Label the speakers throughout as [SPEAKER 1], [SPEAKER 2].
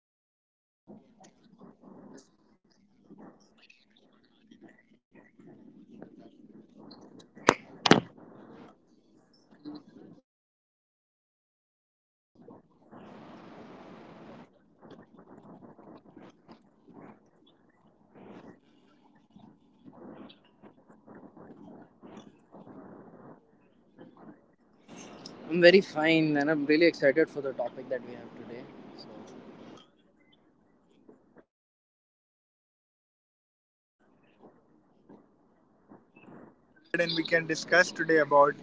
[SPEAKER 1] to our new podcast. We have my name is Farhan, and we have our co host with us, Rishi Kadam. We had with him last podcast as well. It was really fun, calling him on our podcast today. So, we are here today with another, topic to discuss with Rishi. So, how are you, Rishi?
[SPEAKER 2] I'm very fine and I'm really excited for the topic that we have today. So,
[SPEAKER 1] All right, that's lovely. Even I'm excited, to go ahead with this podcast. It's lovely to have you again here. So let's go ahead and we can discuss today about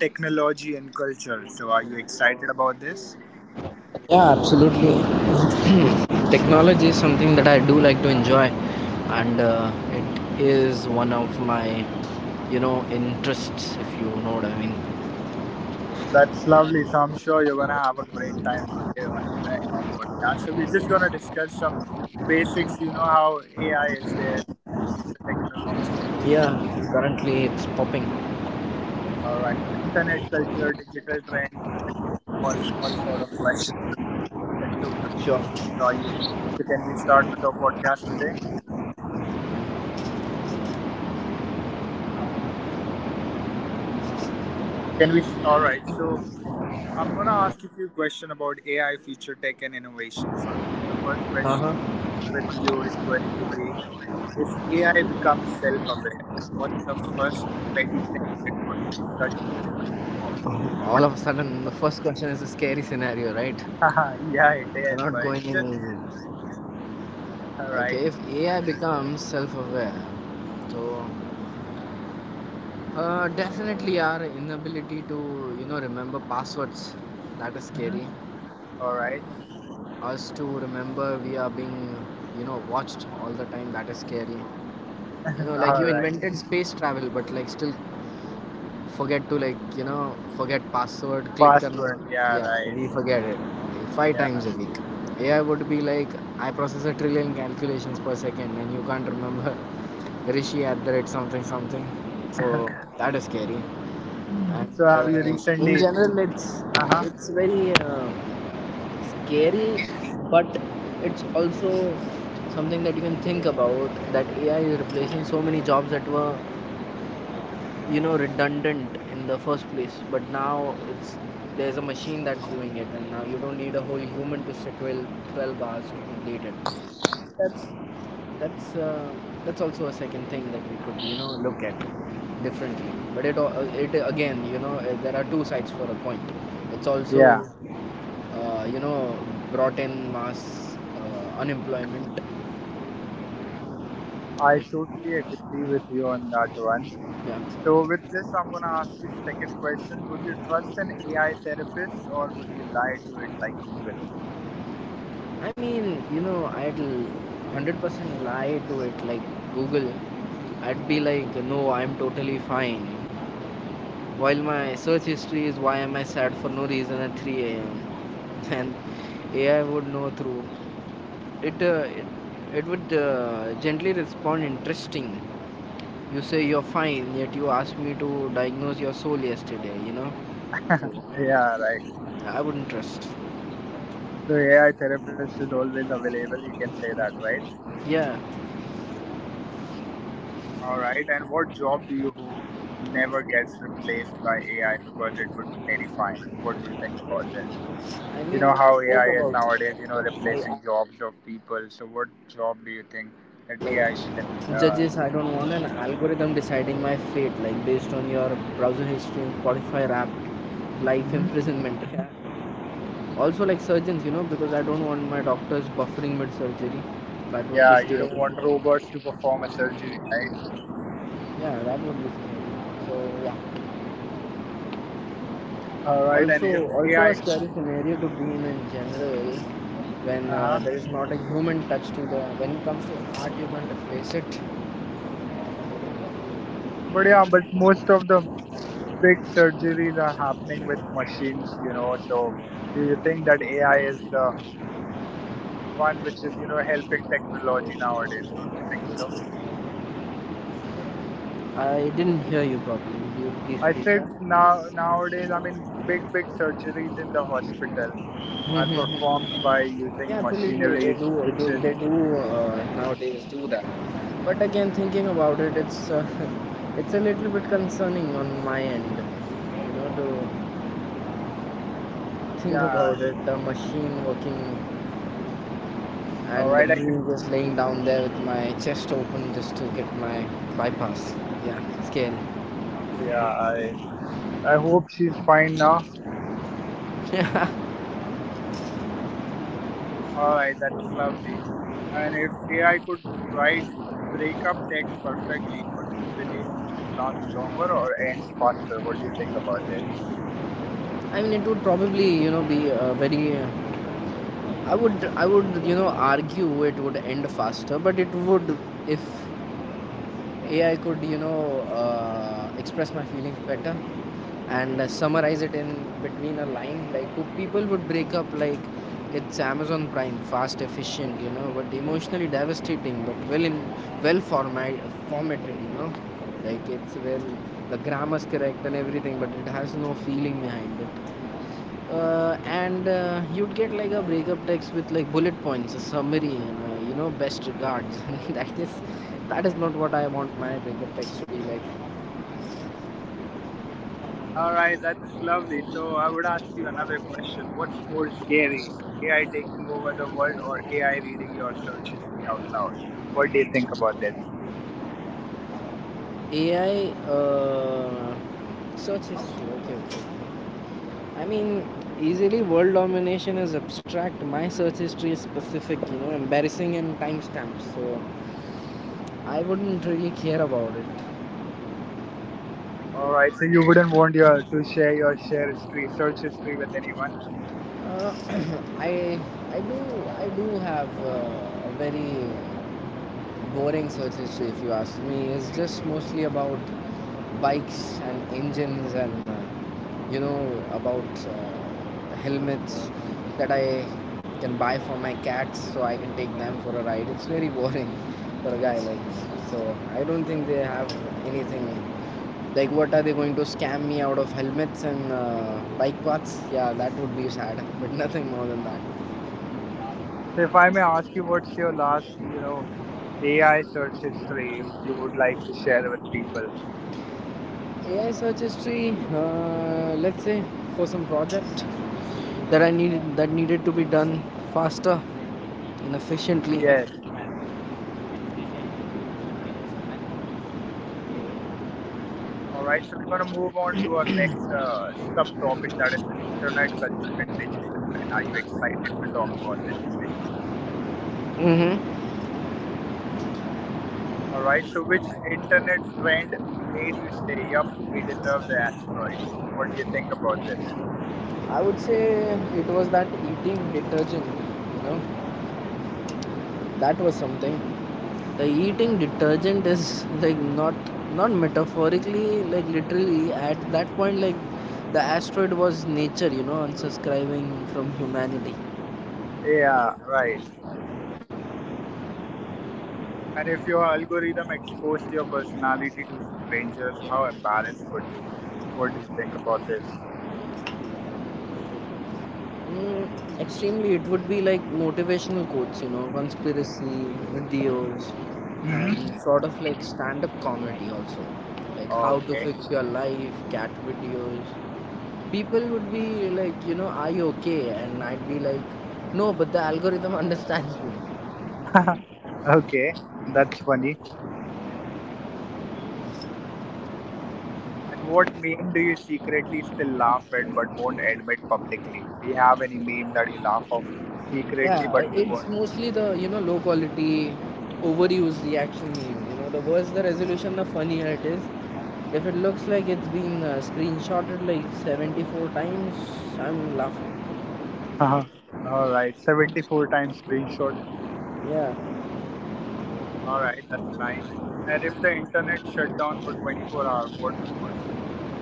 [SPEAKER 1] technology and culture. So are you excited about this?
[SPEAKER 2] yeah, absolutely. Technology is something that I do like to enjoy, and it is one of my, you know, interests. If you know what I mean.
[SPEAKER 1] That's lovely. So I'm sure you're gonna have a great time today on in our podcast. So we're just gonna discuss some basics. You know how AI is there and future technology
[SPEAKER 2] Yeah.
[SPEAKER 1] and
[SPEAKER 2] Currently, it's popping.
[SPEAKER 1] all right. Internet culture, digital trend, gaming, all all sort of questions that we're gonna do that too
[SPEAKER 2] Sure.
[SPEAKER 1] today. So yes. So can we start with our podcast today? Can we? All right. So I'm gonna ask you a few questions about AI, future tech, and innovation first.
[SPEAKER 2] Uh
[SPEAKER 1] The
[SPEAKER 2] huh.
[SPEAKER 1] first question with you is going to be: if AI becomes self-aware, what's the first petty thing it would judge humans
[SPEAKER 2] All of a
[SPEAKER 1] for?
[SPEAKER 2] sudden, the
[SPEAKER 1] What do
[SPEAKER 2] first
[SPEAKER 1] you
[SPEAKER 2] question is
[SPEAKER 1] think
[SPEAKER 2] a
[SPEAKER 1] about it?
[SPEAKER 2] scary scenario, right?
[SPEAKER 1] Haha,
[SPEAKER 2] We're not
[SPEAKER 1] yeah,
[SPEAKER 2] going
[SPEAKER 1] it
[SPEAKER 2] in
[SPEAKER 1] is. But
[SPEAKER 2] easy. Okay, if
[SPEAKER 1] all
[SPEAKER 2] AI
[SPEAKER 1] right.
[SPEAKER 2] becomes self-aware, so definitely our inability to, you know, remember passwords. That is scary.
[SPEAKER 1] All right.
[SPEAKER 2] Us to remember we are being, you know, watched all the time. That is scary. You know, like you
[SPEAKER 1] All right.
[SPEAKER 2] invented space travel but like still forget to, like, you know, forget password click karna.
[SPEAKER 1] Password. Yeah,
[SPEAKER 2] Yeah,
[SPEAKER 1] right.
[SPEAKER 2] we forget it five times
[SPEAKER 1] Yeah.
[SPEAKER 2] a week. AI would be like, I process a trillion calculations per second and you can't remember. Rishi at the rate something something. So that is scary.
[SPEAKER 1] So
[SPEAKER 2] and
[SPEAKER 1] have you
[SPEAKER 2] uh, in
[SPEAKER 1] recently?
[SPEAKER 2] general it's
[SPEAKER 1] Uh huh.
[SPEAKER 2] it's very scary, but it's also something that you can think about, that AI is replacing so many jobs that were, you know, redundant in the first place, but now it's, there's a machine that's doing it and now you don't need a whole human to sit 12 hours to complete it. That's that's uh, that's also a second thing that we could, you know, look at differently. But it again, you know, there are two sides for a coin. It's also,
[SPEAKER 1] Yeah.
[SPEAKER 2] you know, brought in mass unemployment.
[SPEAKER 1] I totally agree with you on that one.
[SPEAKER 2] Yeah,
[SPEAKER 1] So with this, I'm gonna ask you second question. Would you trust an AI therapist or would you lie to it like Google?
[SPEAKER 2] I mean, you know, I'd 100% lie to it like Google. I'd be like, no, I'm totally fine, while my search history is why am I sad for no reason at 3 a.m. And AI would know through it. It would gently respond, interesting, you say you're fine yet you asked me to diagnose your soul yesterday, you know. So
[SPEAKER 1] Yeah, right.
[SPEAKER 2] I wouldn't trust.
[SPEAKER 1] So AI therapist is always available. You can say that, right?
[SPEAKER 2] Yeah,
[SPEAKER 1] All right. And what job do you hope never gets replaced by AI because it would be terrifying? What do you think about this?
[SPEAKER 2] I
[SPEAKER 1] You
[SPEAKER 2] mean,
[SPEAKER 1] know
[SPEAKER 2] I just
[SPEAKER 1] how
[SPEAKER 2] spoke
[SPEAKER 1] AI is
[SPEAKER 2] about it.
[SPEAKER 1] nowadays,
[SPEAKER 2] I
[SPEAKER 1] replacing
[SPEAKER 2] feel
[SPEAKER 1] jobs
[SPEAKER 2] like
[SPEAKER 1] of
[SPEAKER 2] I just
[SPEAKER 1] people.
[SPEAKER 2] spoke
[SPEAKER 1] So, what
[SPEAKER 2] about this,
[SPEAKER 1] job
[SPEAKER 2] right?
[SPEAKER 1] do you think
[SPEAKER 2] Like
[SPEAKER 1] that AI should?
[SPEAKER 2] judges. I don't want
[SPEAKER 1] Uh,
[SPEAKER 2] an algorithm deciding my fate, like based on your browser history and Spotify wrapped. Life
[SPEAKER 1] hmm.
[SPEAKER 2] imprisonment. Yeah. Also like surgeons, you know, because I don't want my doctors buffering mid surgery. That would be
[SPEAKER 1] Yeah,
[SPEAKER 2] scary.
[SPEAKER 1] you don't want robots to perform a surgery, right?
[SPEAKER 2] Yeah, that would be scary. So yeah.
[SPEAKER 1] All
[SPEAKER 2] Also,
[SPEAKER 1] right, and if
[SPEAKER 2] also a
[SPEAKER 1] AI,
[SPEAKER 2] scary scenario to be in general, when
[SPEAKER 1] uh-huh.
[SPEAKER 2] there is not a human touch to the. When it comes to art, you can't replace it.
[SPEAKER 1] But yeah, but most of the big surgeries are happening with machines, you know. So, do you think that AI is the one which is, helping technology nowadays? Don't you think so?
[SPEAKER 2] I didn't hear you properly. Would you please
[SPEAKER 1] I
[SPEAKER 2] repeat
[SPEAKER 1] said
[SPEAKER 2] that?
[SPEAKER 1] now nowadays, I mean, big surgeries in the hospital are performed by using
[SPEAKER 2] Yeah, absolutely. They
[SPEAKER 1] machineries,
[SPEAKER 2] do. Do
[SPEAKER 1] which is
[SPEAKER 2] they do uh, nowadays do that. But again, thinking about it, it's, it's a little bit concerning on my end. You know, to think
[SPEAKER 1] yeah.
[SPEAKER 2] about it, the machine working
[SPEAKER 1] All
[SPEAKER 2] and
[SPEAKER 1] right, I can.
[SPEAKER 2] me just laying down there with my chest open just to get my bypass. Yeah, scary.
[SPEAKER 1] Yeah, I hope she's fine now.
[SPEAKER 2] Yeah,
[SPEAKER 1] All right, that's lovely. And if AI could write breakup text perfectly, would relationship last longer or ends faster? What do you think about this?
[SPEAKER 2] I mean it would probably, you know, be a very. I would, you know, argue it would end faster, but it would, if AI could, you know, express my feelings better, and summarize it in between a line, like people would break up like it's Amazon Prime, fast, efficient, you know, but emotionally devastating, but well in well formatted, you know, like it's well, the grammar's correct and everything but it has no feeling behind it. And you'd get like a breakup text with like bullet points, a summary, and you know, best regards. That is, that is not what I want my breakup text to be like.
[SPEAKER 1] All right, that's lovely. So I would ask you another question. What's more scary, AI taking over the world or AI reading your search history out loud? What do you think about this?
[SPEAKER 2] AI, search history. Okay, okay. I mean, easily, world domination is abstract. My search history is specific, you know, embarrassing and timestamps. So I wouldn't really care about it.
[SPEAKER 1] All right, so you wouldn't want your to share your share history, search history with anyone.
[SPEAKER 2] Uh, I I do have a very boring search history, if you ask me. Is just mostly about bikes and engines and, you know, about helmets that I can buy for my cats so I can take them for a ride. It's very boring for a guy like me. So I don't think they have anything. Like, what are they going to scam me out of? Helmets and bike paths? Yeah, that would be sad, but nothing more than that.
[SPEAKER 1] So if I may ask you, what's your last, AI search history, if you would like to share with people?
[SPEAKER 2] AI search history, let's say for some project that I needed that needed to be done faster and efficiently.
[SPEAKER 1] Yes. All right, so we're gonna move on to our next subtopic that is internet culture and digital trend. Are you excited to talk about this today?
[SPEAKER 2] Hmm.
[SPEAKER 1] All right, so which internet trend made you say, "Yup, we deserve the asteroids"? What do you think about this?
[SPEAKER 2] I would say it was that eating detergent. You know, that was something. The eating detergent is like not, not metaphorically, like literally. At that point, like, the asteroid was nature, you know, unsubscribing from humanity.
[SPEAKER 1] Yeah, right. And if your algorithm exposed your personality to strangers, how embarrassed would you be? What do you think about this?
[SPEAKER 2] Mm, extremely. It would be like motivational quotes, you know, conspiracy videos,
[SPEAKER 1] Hmm.
[SPEAKER 2] and sort of like stand up comedy also. Like how to
[SPEAKER 1] Okay.
[SPEAKER 2] fix your life, cat videos. People would be like, you know, are you okay? And I'd be like, no, but the algorithm understands me.
[SPEAKER 1] Okay, that's funny. And what meme do you secretly still laugh at but won't admit publicly? Do you have any meme that you laugh of secretly but
[SPEAKER 2] Yeah,
[SPEAKER 1] you
[SPEAKER 2] it's
[SPEAKER 1] won't?
[SPEAKER 2] mostly the, you know, low quality, overused reaction meme. You know, the worse the resolution, the funnier it is. If it looks like it's been screenshotted like 74 times, I'm laughing.
[SPEAKER 1] Alright, 74 times screenshot.
[SPEAKER 2] Yeah.
[SPEAKER 1] Alright, that's nice. And if the internet shut down for 24 hours, what would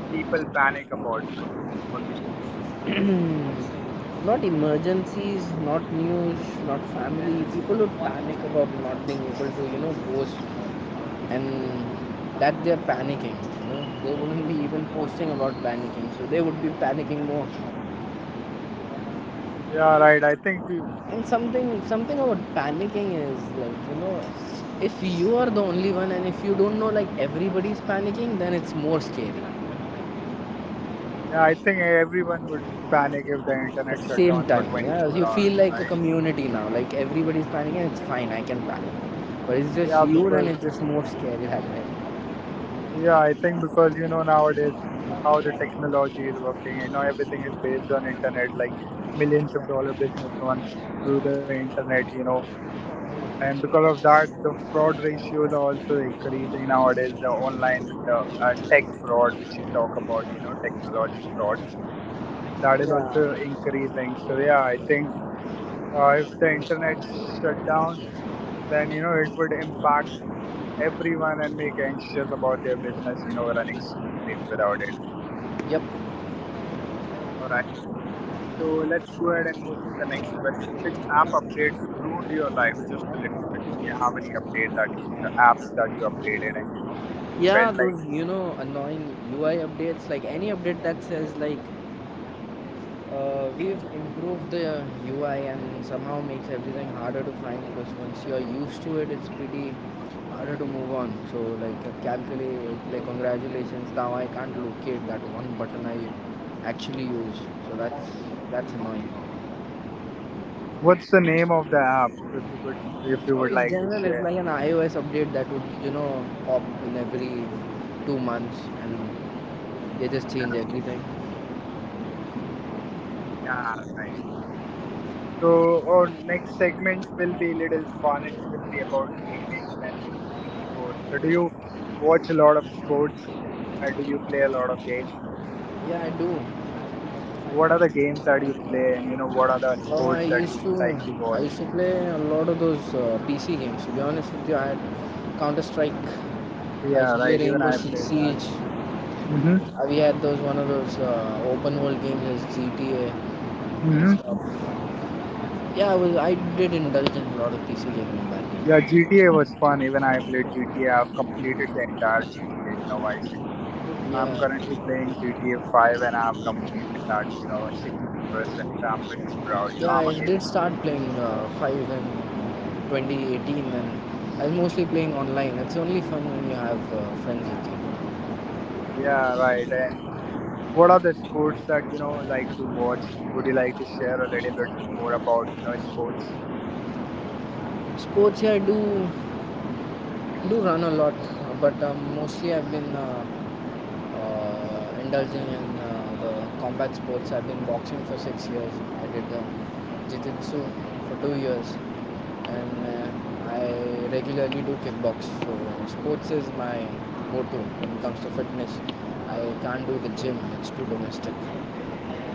[SPEAKER 1] people panic about first? What do you think?
[SPEAKER 2] Hmm. Not emergencies, not news, not family. People would panic about not being able to, you know, post and that they're panicking. You know, they wouldn't be even posting about panicking, so they would be panicking more.
[SPEAKER 1] Yeah, right.
[SPEAKER 2] And something something about panicking is, like, you know, if you are the only one and if you don't know, like, everybody's panicking, then it's more scary.
[SPEAKER 1] Yeah, I think everyone would panic if the
[SPEAKER 2] The
[SPEAKER 1] internet shut
[SPEAKER 2] same
[SPEAKER 1] down for
[SPEAKER 2] time, yeah, you
[SPEAKER 1] 24
[SPEAKER 2] feel
[SPEAKER 1] hours,
[SPEAKER 2] like a
[SPEAKER 1] right?
[SPEAKER 2] community now. Like everybody's panicking, it's fine. I can panic, but it's just
[SPEAKER 1] Yeah,
[SPEAKER 2] you, then it's
[SPEAKER 1] because
[SPEAKER 2] just more scary that way.
[SPEAKER 1] yeah, I think because you know nowadays how the technology is working, you know everything is based on internet, like millions of dollar business runs through the internet, you know, and because of that, the fraud ratios are also increasing nowadays. The online, the tech fraud, which you talk about, you know, technology frauds, that is also
[SPEAKER 2] Yeah.
[SPEAKER 1] increasing. So yeah, I think if the internet shut down, then you know it would impact everyone and make anxious about their business, running smoothly without it.
[SPEAKER 2] Yep.
[SPEAKER 1] All right. So let's go ahead and move to the next question. Which app update ruined your life just a little bit? Do you have any update that you know apps that you updated and you know you felt
[SPEAKER 2] Yeah,
[SPEAKER 1] like
[SPEAKER 2] those, you know, annoying UI updates, like any update that says like, we've improved the UI and somehow makes everything harder to find, because once you're used to it, it's pretty harder to move on. So like, like congratulations, now I can't locate that one button I actually use. So that's annoying.
[SPEAKER 1] what's the name of the app if you could if you
[SPEAKER 2] Oh,
[SPEAKER 1] would
[SPEAKER 2] in
[SPEAKER 1] like to
[SPEAKER 2] general, it's
[SPEAKER 1] share?
[SPEAKER 2] like an iOS update that would, you know, pop in every 2 months, and they just change
[SPEAKER 1] Yeah,
[SPEAKER 2] everything.
[SPEAKER 1] yeah, right. So our next segment will be little fun. It will be about gamings and you know esports. So do you watch a lot of sports? Or do you play a lot of games?
[SPEAKER 2] Yeah, I do.
[SPEAKER 1] What are the games that you play and you know what are the
[SPEAKER 2] Uh, I
[SPEAKER 1] sports that you
[SPEAKER 2] used to
[SPEAKER 1] like to
[SPEAKER 2] I
[SPEAKER 1] watch?
[SPEAKER 2] used to play a lot of those PC games. To be honest with you, I had Counter Strike. I used
[SPEAKER 1] Yeah,
[SPEAKER 2] to play
[SPEAKER 1] right. Even
[SPEAKER 2] Rainbow
[SPEAKER 1] I
[SPEAKER 2] Six
[SPEAKER 1] played that.
[SPEAKER 2] Siege.
[SPEAKER 1] Mm-hmm.
[SPEAKER 2] We had those, one of those open world games as GTA and
[SPEAKER 1] Mm-hmm.
[SPEAKER 2] stuff. I did indulge in a lot of PC gaming back
[SPEAKER 1] Yeah,
[SPEAKER 2] then.
[SPEAKER 1] GTA was fun. Even I played GTA. I've completed the entire GTA, Vice City. I'm currently
[SPEAKER 2] Yeah,
[SPEAKER 1] playing GTA 5 and I've completed that, 60%. I'm really proud,
[SPEAKER 2] yeah,
[SPEAKER 1] I'm a
[SPEAKER 2] I did
[SPEAKER 1] gaming.
[SPEAKER 2] start playing Five in 2018 and I was mostly playing online. It's only fun when you have friends with you.
[SPEAKER 1] Yeah, right. And what are the sports that, like to watch? Would you like to share a little bit more about, sports?
[SPEAKER 2] Sports, yeah, I do run a lot, but mostly I've been indulging in the combat sports. I've been boxing for 6 years. I did jiu-jitsu for 2 years, and I regularly do kickbox. So sports is my go-to when it comes to fitness. I can't do the gym; it's too domestic.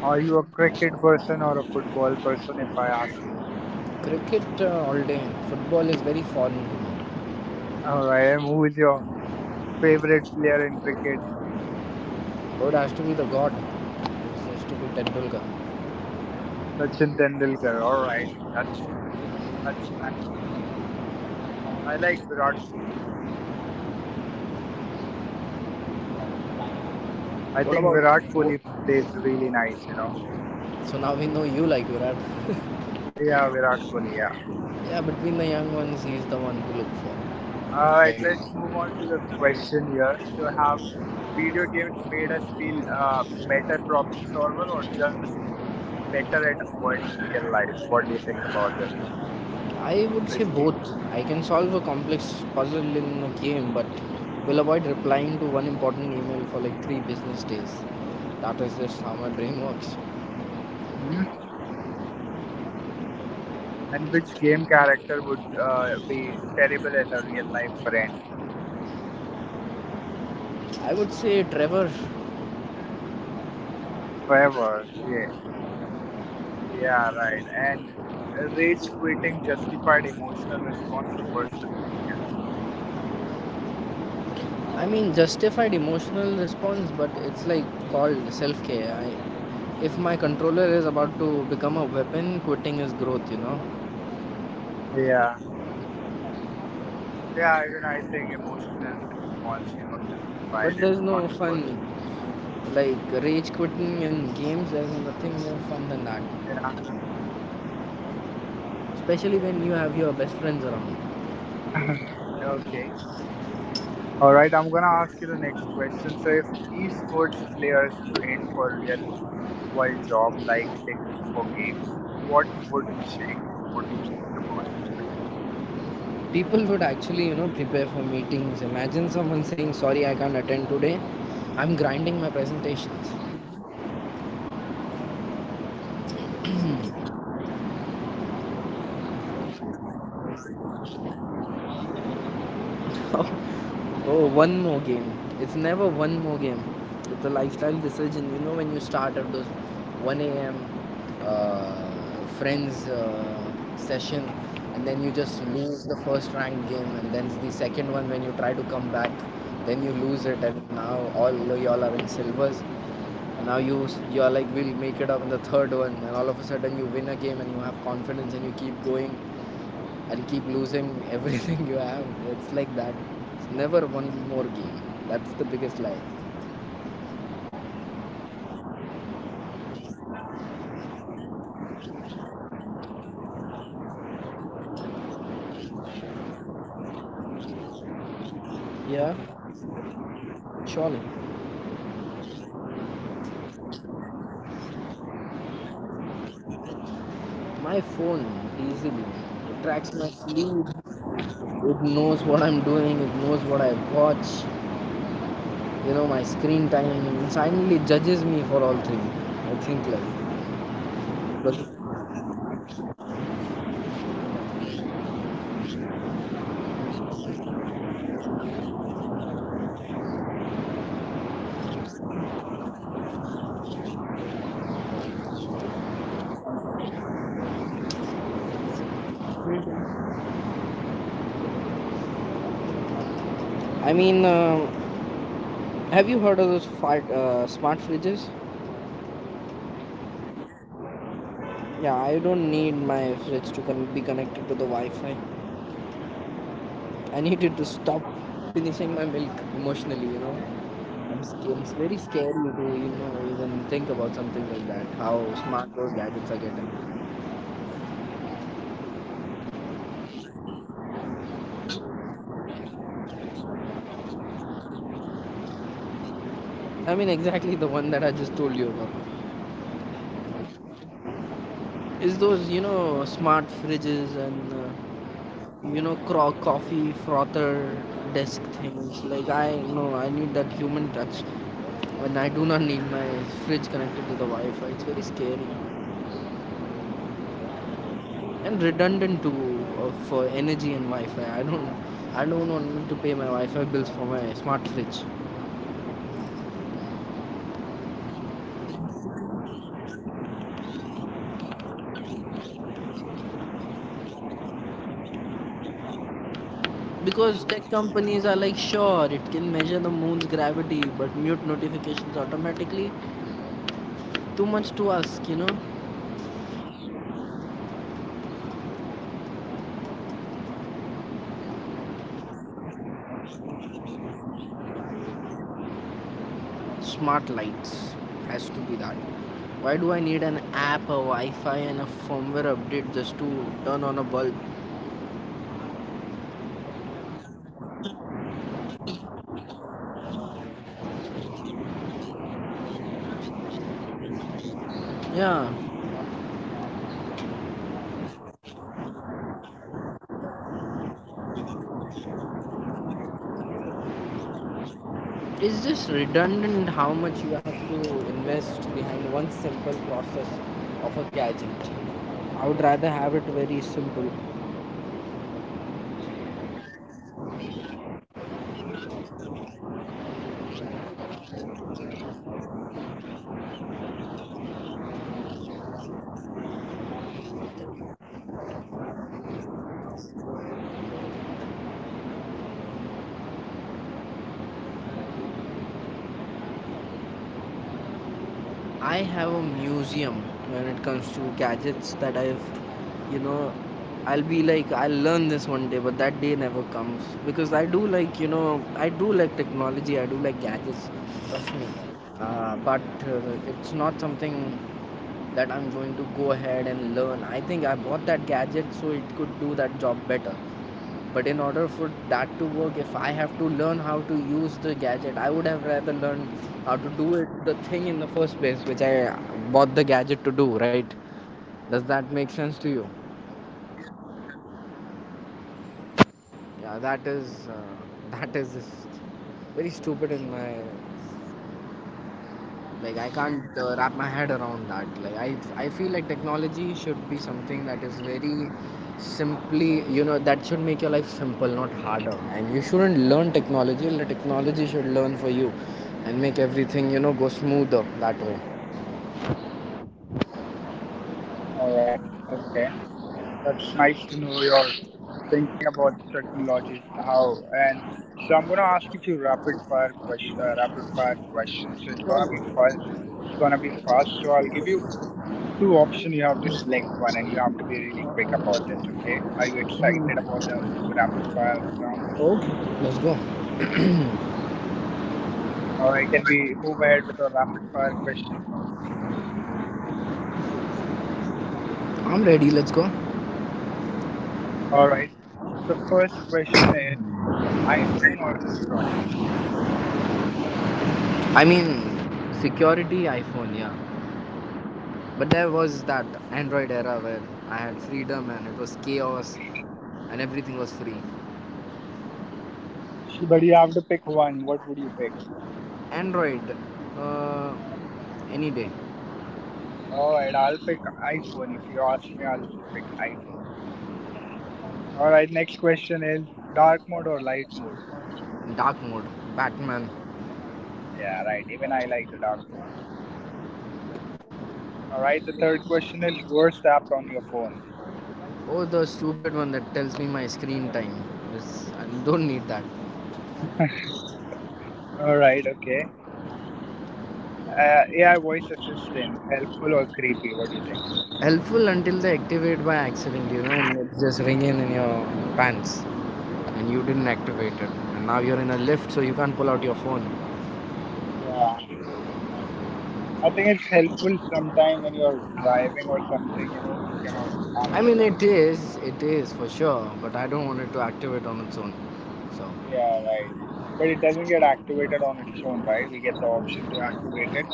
[SPEAKER 1] Are you a cricket person or a football person, if I ask you?
[SPEAKER 2] Cricket all day. Football is very foreign to me.
[SPEAKER 1] All right. And who is your favorite player in cricket?
[SPEAKER 2] Road has to be the god. It has to be Tendulkar.
[SPEAKER 1] Sachin Tendulkar. All right. That's, that's, I like Virat Kohli. I
[SPEAKER 2] What
[SPEAKER 1] think
[SPEAKER 2] about
[SPEAKER 1] Virat
[SPEAKER 2] what,
[SPEAKER 1] Kohli plays really nice, you know.
[SPEAKER 2] so now we know you like Virat.
[SPEAKER 1] Yeah, Virat Kohli, yeah.
[SPEAKER 2] Yeah, between the young ones, he's the one to look
[SPEAKER 1] Alright, let's
[SPEAKER 2] for.
[SPEAKER 1] move on to the question here. So, have video games made us feel better problem solver or just better at avoiding real life? What do you think about this,
[SPEAKER 2] I would say
[SPEAKER 1] Risty?
[SPEAKER 2] both. I can solve a complex puzzle in a game, but will avoid replying to one important email for like three business days. That is just how my brain works.
[SPEAKER 1] Hmm. And which game character would be terrible as a real life friend?
[SPEAKER 2] I would say Trevor.
[SPEAKER 1] Forever, yeah. Yeah, right. And rage quitting justified emotional response or personal failure?
[SPEAKER 2] I mean, justified emotional response, but it's like called self care. I, if my controller is about to become a weapon, quitting is growth, you know.
[SPEAKER 1] Yeah. Yeah, even I think emotional response, justified
[SPEAKER 2] But
[SPEAKER 1] it
[SPEAKER 2] there's
[SPEAKER 1] on
[SPEAKER 2] no
[SPEAKER 1] the person.
[SPEAKER 2] fun. Like, rage quitting in games, there's nothing more fun than that.
[SPEAKER 1] Yeah.
[SPEAKER 2] Especially when you have your best friends around.
[SPEAKER 1] Okay. All right, I'm gonna ask you the next question. So, if esports players trained for real world job like they do for games, what would change? What do you think about this question?
[SPEAKER 2] People would actually, you know, prepare for meetings. Imagine someone saying, sorry, I can't attend today. I'm grinding
[SPEAKER 1] Mm-hmm.
[SPEAKER 2] my presentations.
[SPEAKER 1] Okay. And what's the biggest lie gamers tells themselves?
[SPEAKER 2] Oh, one more game. It's never one more game. It's a lifestyle decision. You know, when you start at those 1 a.m. Friends session, and then
[SPEAKER 1] Uh
[SPEAKER 2] you just
[SPEAKER 1] huh.
[SPEAKER 2] lose the first ranked game, and then the second one when you try to come back, then you lose
[SPEAKER 1] Mm-hmm.
[SPEAKER 2] it, and now all y'all are in silvers. And now you are like we'll make it up in the third one, and all of a sudden you win a game and you have confidence and you keep going and keep losing everything you have. It's like that. It's never one more game. That's the biggest lie.
[SPEAKER 1] Okay. All right, we'll with this we'll move on to our next segment that will be gadget tools and tech reviews. So are you a gadget freak if I may ask you first before
[SPEAKER 2] Yeah,
[SPEAKER 1] we start with this topic?
[SPEAKER 2] surely.
[SPEAKER 1] All right. What gadget do you own that's way smarter than you?
[SPEAKER 2] My phone, easily. It
[SPEAKER 1] I
[SPEAKER 2] tracks my
[SPEAKER 1] agree.
[SPEAKER 2] sleep.
[SPEAKER 1] Even my phone, I would say
[SPEAKER 2] It
[SPEAKER 1] that.
[SPEAKER 2] knows what I'm doing. It knows what I watch. You know my screen time. It silently judges me for all three. I think like.
[SPEAKER 1] Yeah,
[SPEAKER 2] But
[SPEAKER 1] I think the technology has moved so fast and so vast, you know, that nowadays the phone can do everything we think, you know, apart from the physical activity you know rest all you know how we are dependent on phone you know do you think so.
[SPEAKER 2] I mean, have you heard of those fart, smart fridges?
[SPEAKER 1] Yes.
[SPEAKER 2] Yeah, I don't need my fridge to con- be connected to the Wi-Fi. I needed to
[SPEAKER 1] O-.
[SPEAKER 2] stop finishing my milk emotionally, I'm scared. It's very
[SPEAKER 1] Okay.
[SPEAKER 2] scary to, even think about
[SPEAKER 1] Oh.
[SPEAKER 2] something like that. How
[SPEAKER 1] Mhm.
[SPEAKER 2] smart those gadgets are getting.
[SPEAKER 1] All right, and which tech product sounded cool but ended up being totally useless.
[SPEAKER 2] I mean, exactly the one that I just told you about.
[SPEAKER 1] A smartwatch.
[SPEAKER 2] Is those, smart fridges and,
[SPEAKER 1] yeah
[SPEAKER 2] coffee frother desk
[SPEAKER 1] yeah yeah
[SPEAKER 2] things.
[SPEAKER 1] yeah
[SPEAKER 2] Like,
[SPEAKER 1] yeah
[SPEAKER 2] I
[SPEAKER 1] right.
[SPEAKER 2] know I need that human touch. When I do not need my fridge connected to the Wi Fi, it's very scary.
[SPEAKER 1] All right. Okay.
[SPEAKER 2] And redundant to for energy and Wi-Fi. I don't want to pay my Wi-Fi bills for my smart fridge,
[SPEAKER 1] Okay. And do you think, and Why do you, and do you think so, and why do gadget come with 500 feature but not the one you actually need?
[SPEAKER 2] because
[SPEAKER 1] Does it
[SPEAKER 2] tech
[SPEAKER 1] ever happen
[SPEAKER 2] companies
[SPEAKER 1] with
[SPEAKER 2] are
[SPEAKER 1] you?
[SPEAKER 2] like, sure, it can measure the moon's gravity but mute notifications automatically. Too much to ask,
[SPEAKER 1] Yeah. Okay, and what's the smart device that made life more complicated?
[SPEAKER 2] Smart lights has to be that. Why do I need an app, a Wi-Fi, and a firmware update just to turn on a bulb?
[SPEAKER 1] Yeah, right. It's just, I think it's just for the lazy people, you know, who don't want to get up from the bed just to turn off the light or switch on the fan
[SPEAKER 2] Yeah,
[SPEAKER 1] or everybody needs, easy life, so the technology is connected with the electricity now, I guess, right?
[SPEAKER 2] it's just redundant how much you have to invest behind one simple process of a gadget. I would rather have it very simple.
[SPEAKER 1] And so, in that case, I would like to ask you, be honest, like how many gadget do you own that you never fully learned to use? Do you have any gadget that you know that you never use or not learn to use, but you still have it?
[SPEAKER 2] I have a museum when it comes to gadgets that you know, I'll be like, I'll learn this one day, but that day never comes. Because I do like, I do like technology, I do like gadgets, trust me.
[SPEAKER 1] Mm-hmm.
[SPEAKER 2] But uh, it's not something that I'm going to go ahead and learn. I think I bought that gadget so it could do that job better. But in order for that to work, if I have to learn how to use the gadget, I would have rather learned how to do it the thing in the first place, which I bought the gadget to do. Right? Does that make sense to
[SPEAKER 1] Yeah.
[SPEAKER 2] you?
[SPEAKER 1] Yes. Yes.
[SPEAKER 2] Yeah, that is just very stupid in my, like, i
[SPEAKER 1] All
[SPEAKER 2] can't
[SPEAKER 1] right.
[SPEAKER 2] uh, wrap my head around that. Like, I feel like technology should be something that is very simply, that should make your life simple, not harder, and you shouldn't learn technology. The technology should learn for you and make everything, go smoother that way.
[SPEAKER 1] All right. Okay. That's nice to know you're thinking about the technology, how and so I'm gonna ask you few rapid fire rapid fire questions. So it's gonna be fun. It's gonna be fast. So I'll give you two options. You have to select one, and you have to be really quick about this. Okay? Are you excited about the rapid fire round?
[SPEAKER 2] Okay, let's go.
[SPEAKER 1] All right. Can we move ahead with our rapid fire question?
[SPEAKER 2] I'm ready, let's go.
[SPEAKER 1] All right. So the first question is iPhone or Android? What would
[SPEAKER 2] I mean, security, iPhone, yeah. But there was that Android era where I had freedom and it was chaos and everything was free.
[SPEAKER 1] you choose? But you have to pick one. What would you pick?
[SPEAKER 2] Android, uh, any day.
[SPEAKER 1] All right, I'll pick iPhone. If you ask me, I'll pick iPhone. All right, next question is dark mode or light mode?
[SPEAKER 2] Dark mode, Batman.
[SPEAKER 1] Yeah, right. Even I like the dark mode. All right, the third question is worst app on your phone.
[SPEAKER 2] Oh, the stupid one that tells me my screen time. It's, I don't need that.
[SPEAKER 1] All right, okay. AI voice assistant, helpful or creepy? What do you think?
[SPEAKER 2] Helpful until they activate by accident, and it's just ringing in your pants, and you didn't activate it, and now you're in a lift, so you can't pull out your phone.
[SPEAKER 1] Yeah, I think it's helpful sometime when you're driving or something, you know, you cannot
[SPEAKER 2] I
[SPEAKER 1] answer
[SPEAKER 2] mean,
[SPEAKER 1] the.
[SPEAKER 2] it is for sure, but I don't want it to activate on its own. So,
[SPEAKER 1] Yeah, right. But it doesn't get activated on its own, right? We get the option to activate it.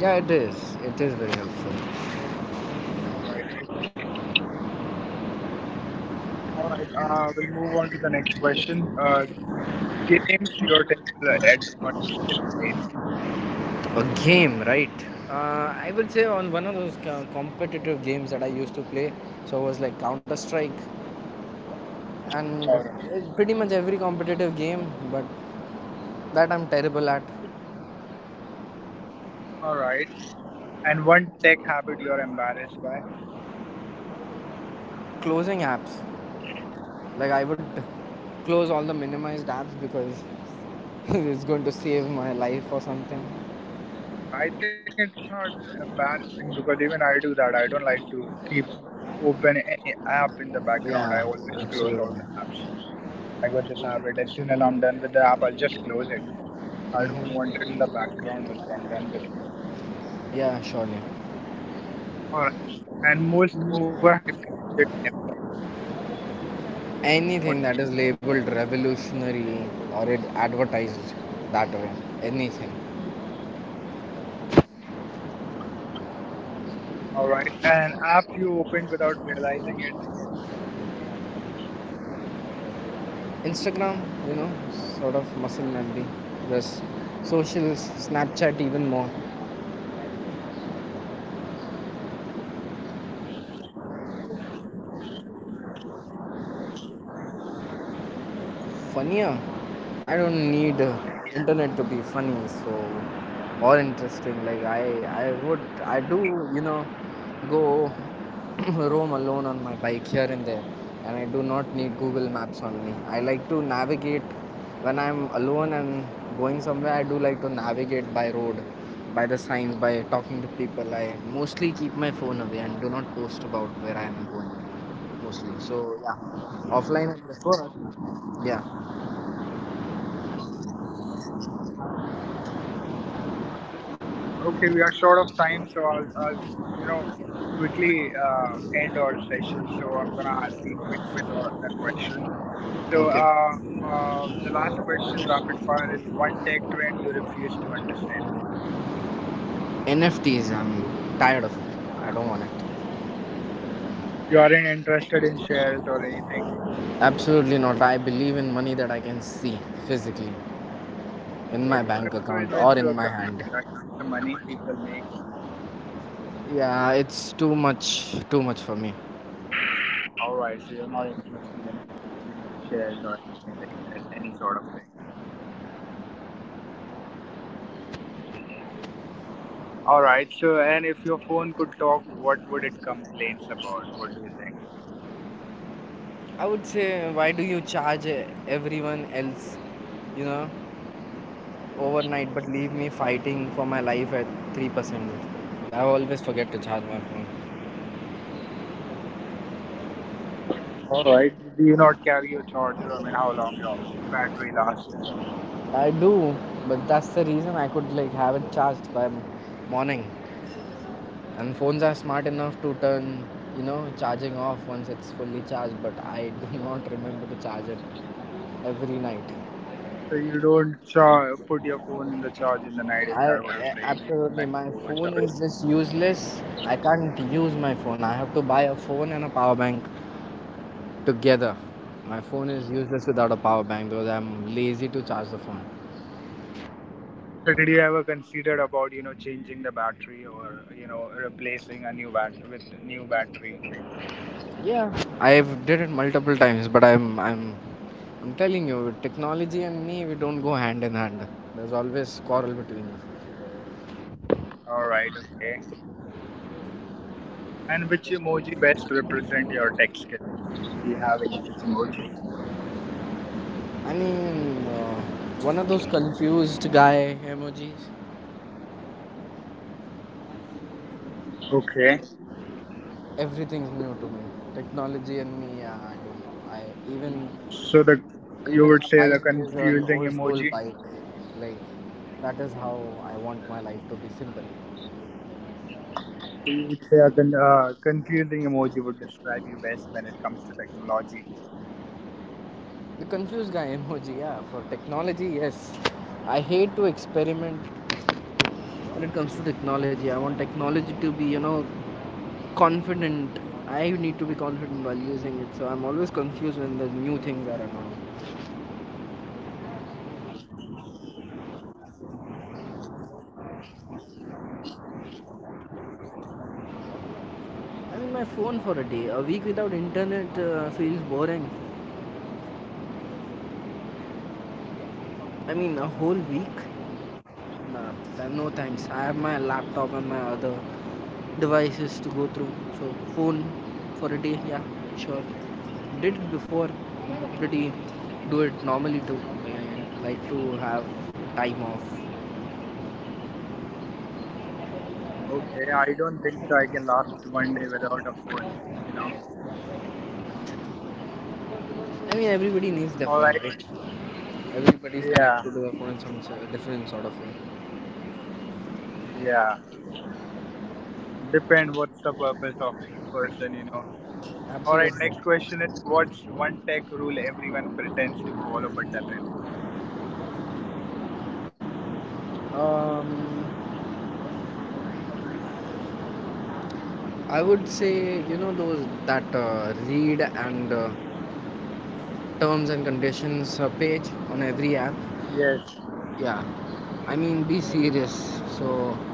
[SPEAKER 2] yeah, it is. It is very helpful.
[SPEAKER 1] All right. All right, we'll move on to the next question. Games you're terrible at but still play.
[SPEAKER 2] A game, right? I would say on one of those competitive games that I used to play, so it was like Counter Strike, and
[SPEAKER 1] Uh,
[SPEAKER 2] pretty much every competitive game, but that I'm terrible at.
[SPEAKER 1] all right, and one tech habit you're embarrassed by.
[SPEAKER 2] Closing apps, like I would close all the minimized apps because it's going to save my life or something.
[SPEAKER 1] I think it's not embarrassing because even I do that. I don't like to keep open any app in the background. I
[SPEAKER 2] Yeah,
[SPEAKER 1] always close all
[SPEAKER 2] absolutely.
[SPEAKER 1] the apps. I got this habit. As soon as I'm done with the app, I'll just close it. I don't want it in the background also. I'm done with it.
[SPEAKER 2] Yeah, surely.
[SPEAKER 1] All right, and most overhyped gadget ever. What?
[SPEAKER 2] Anything that is labeled revolutionary or it advertised that way, anything.
[SPEAKER 1] All right, an app you opened without realizing it.
[SPEAKER 2] Instagram, you know, sort of muscle memory. There's socials, Snapchat even more.
[SPEAKER 1] All right, so an online or offline life. Where are you funnier?
[SPEAKER 2] Funnier? I don't
[SPEAKER 1] Yes.
[SPEAKER 2] need internet to be funny, so, or interesting. I would, I do, you know, go roam alone on my bike here and there, and I do not need Google Maps on me. I like to navigate when I'm alone and going somewhere. I do like to navigate by road, by the signs, by talking to people. I mostly keep my phone away and do not post about where I am going mostly.
[SPEAKER 1] Hmm.
[SPEAKER 2] So
[SPEAKER 1] So
[SPEAKER 2] yeah,
[SPEAKER 1] you would
[SPEAKER 2] offline
[SPEAKER 1] say
[SPEAKER 2] and
[SPEAKER 1] offline
[SPEAKER 2] prefer.
[SPEAKER 1] life.
[SPEAKER 2] Yeah.
[SPEAKER 1] All right. Okay, that's nice. All right, just a moment. Okay, we are short of time, so I'll you know, quickly end our session. So I'm gonna be quick with the question. So
[SPEAKER 2] Okay.
[SPEAKER 1] the last question, rapid fire, is one tech trend you refuse to understand. What is it?
[SPEAKER 2] NFTs, I'm tired of it. I don't want it.
[SPEAKER 1] You aren't interested in shares or anything.
[SPEAKER 2] Absolutely not. I believe in money that I can see physically in
[SPEAKER 1] But
[SPEAKER 2] my bank
[SPEAKER 1] crypto is
[SPEAKER 2] account or
[SPEAKER 1] also
[SPEAKER 2] in
[SPEAKER 1] a
[SPEAKER 2] my hand.
[SPEAKER 1] currency, right? It's the money people make.
[SPEAKER 2] Yeah, it's too much for me.
[SPEAKER 1] All right, so you're not interested in you know, shares or anything, in any sort of thing. All right, so and if your phone could talk, what would it complains about? What do you think?
[SPEAKER 2] I would say, why do you charge, eh, everyone else, you know, overnight but leave me fighting for my life at 3%? I always forget to charge my phone.
[SPEAKER 1] All right, do you not carry your charger? I mean, how long your battery lasts? If you,
[SPEAKER 2] I do, but that's the reason I could, like, have it charged by morning. And phones are smart enough to turn, charging off once it's fully charged, but I do not remember to charge it every night.
[SPEAKER 1] so you don't put your phone in the charge in the night. Is
[SPEAKER 2] I
[SPEAKER 1] that what you're saying? You don't
[SPEAKER 2] absolutely,
[SPEAKER 1] like
[SPEAKER 2] my
[SPEAKER 1] to
[SPEAKER 2] phone
[SPEAKER 1] overcharge.
[SPEAKER 2] is just useless. I can't use my phone. I have to buy a phone and a power bank together. My phone is useless without a power bank because I'm lazy to charge the phone.
[SPEAKER 1] So did you ever considered about, you know, changing the battery or, you know, replacing a new bat with new battery?
[SPEAKER 2] Yeah, I've did it multiple times, but I'm telling you, technology and me, we don't go hand in hand. There's always quarrel between us.
[SPEAKER 1] All right, okay. And which emoji best represent your tech skills? Do you have any such emoji?
[SPEAKER 2] I mean, one of those confused guy emojis.
[SPEAKER 1] Okay.
[SPEAKER 2] Everything's new to me. Technology and me. Yeah, I don't know. I even
[SPEAKER 1] So the you
[SPEAKER 2] Even
[SPEAKER 1] would
[SPEAKER 2] my
[SPEAKER 1] say the
[SPEAKER 2] bike is an
[SPEAKER 1] confusing
[SPEAKER 2] old school
[SPEAKER 1] emoji.
[SPEAKER 2] bike. Like, that is how I want my life to be simple.
[SPEAKER 1] You would say a confusing emoji would describe you best when it comes to technology.
[SPEAKER 2] The confused guy emoji. Yeah, for technology, yes. I hate to experiment when it comes to technology. I want technology to be, confident. I need to be confident while using it. So I'm always confused when the new things are announced.
[SPEAKER 1] All right, and would you rather lose internet for a week or your phone for a day?
[SPEAKER 2] I mean, my phone for a day. A week without internet feels boring. I mean, a
[SPEAKER 1] Mhm.
[SPEAKER 2] whole week? Nah, no thanks. I have my laptop and my other devices to go through. So, phone for a day, yeah, sure. Did it before. Pretty, do it normally too. And like to have time off.
[SPEAKER 1] Okay, I don't think so. I can last one day without a phone. You know.
[SPEAKER 2] I mean, everybody needs their
[SPEAKER 1] All
[SPEAKER 2] phone,
[SPEAKER 1] right.
[SPEAKER 2] right? Everybody's
[SPEAKER 1] Yeah.
[SPEAKER 2] connected to their phone in some different sort of way.
[SPEAKER 1] Yeah. Depend what's the purpose of person. You know. All right.
[SPEAKER 2] Absolutely.
[SPEAKER 1] Next question is what's one tech rule everyone pretends to follow but doesn't?
[SPEAKER 2] Um, I would say those that read and terms and conditions page on every app.
[SPEAKER 1] Yes.
[SPEAKER 2] Yeah, I mean, be serious. So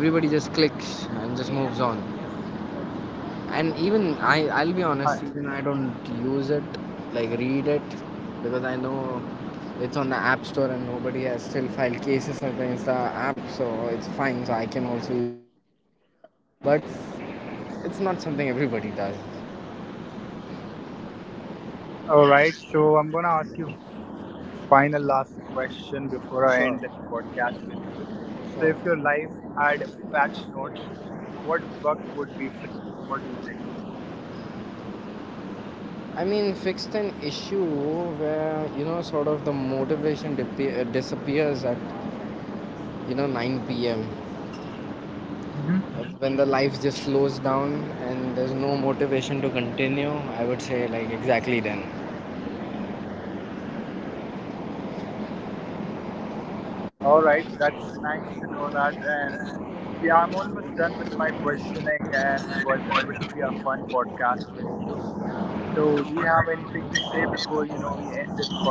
[SPEAKER 2] everybody just clicks and just moves on. And even I'll
[SPEAKER 1] Hi.
[SPEAKER 2] be honest, even I don't use it, like, read it, because I know it's on the app store and nobody has still filed cases against the app, so it's fine. So I can also do that, but it's not something everybody does.
[SPEAKER 1] All right. So I'm gonna ask you final last question before I
[SPEAKER 2] Sure.
[SPEAKER 1] end this podcast with you. So if your
[SPEAKER 2] Sure.
[SPEAKER 1] life had patch notes, what bug would be fixed? What do you think about
[SPEAKER 2] I mean, fixed an issue where, sort of the motivation disappears at, 9 p.m.
[SPEAKER 1] it?
[SPEAKER 2] When the life just slows down and there's no motivation to continue. I would say, like, exactly then.
[SPEAKER 1] All right, that's nice to know that. And yeah, I'm almost done with my questioning, and it was a really a fun podcast with you. So, do you have anything to say before we end this podcast?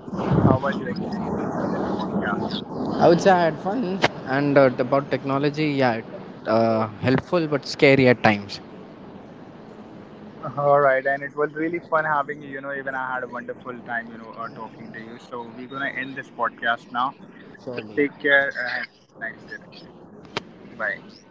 [SPEAKER 1] How was your experience in this podcast?
[SPEAKER 2] I would say I had fun and about technology, yeah, helpful but scary at times.
[SPEAKER 1] All right, and it was really fun having you. You know, even I had a wonderful time, talking to you. So, we're gonna end this podcast now. So,
[SPEAKER 2] Surely.
[SPEAKER 1] take care and have a nice day. Bye.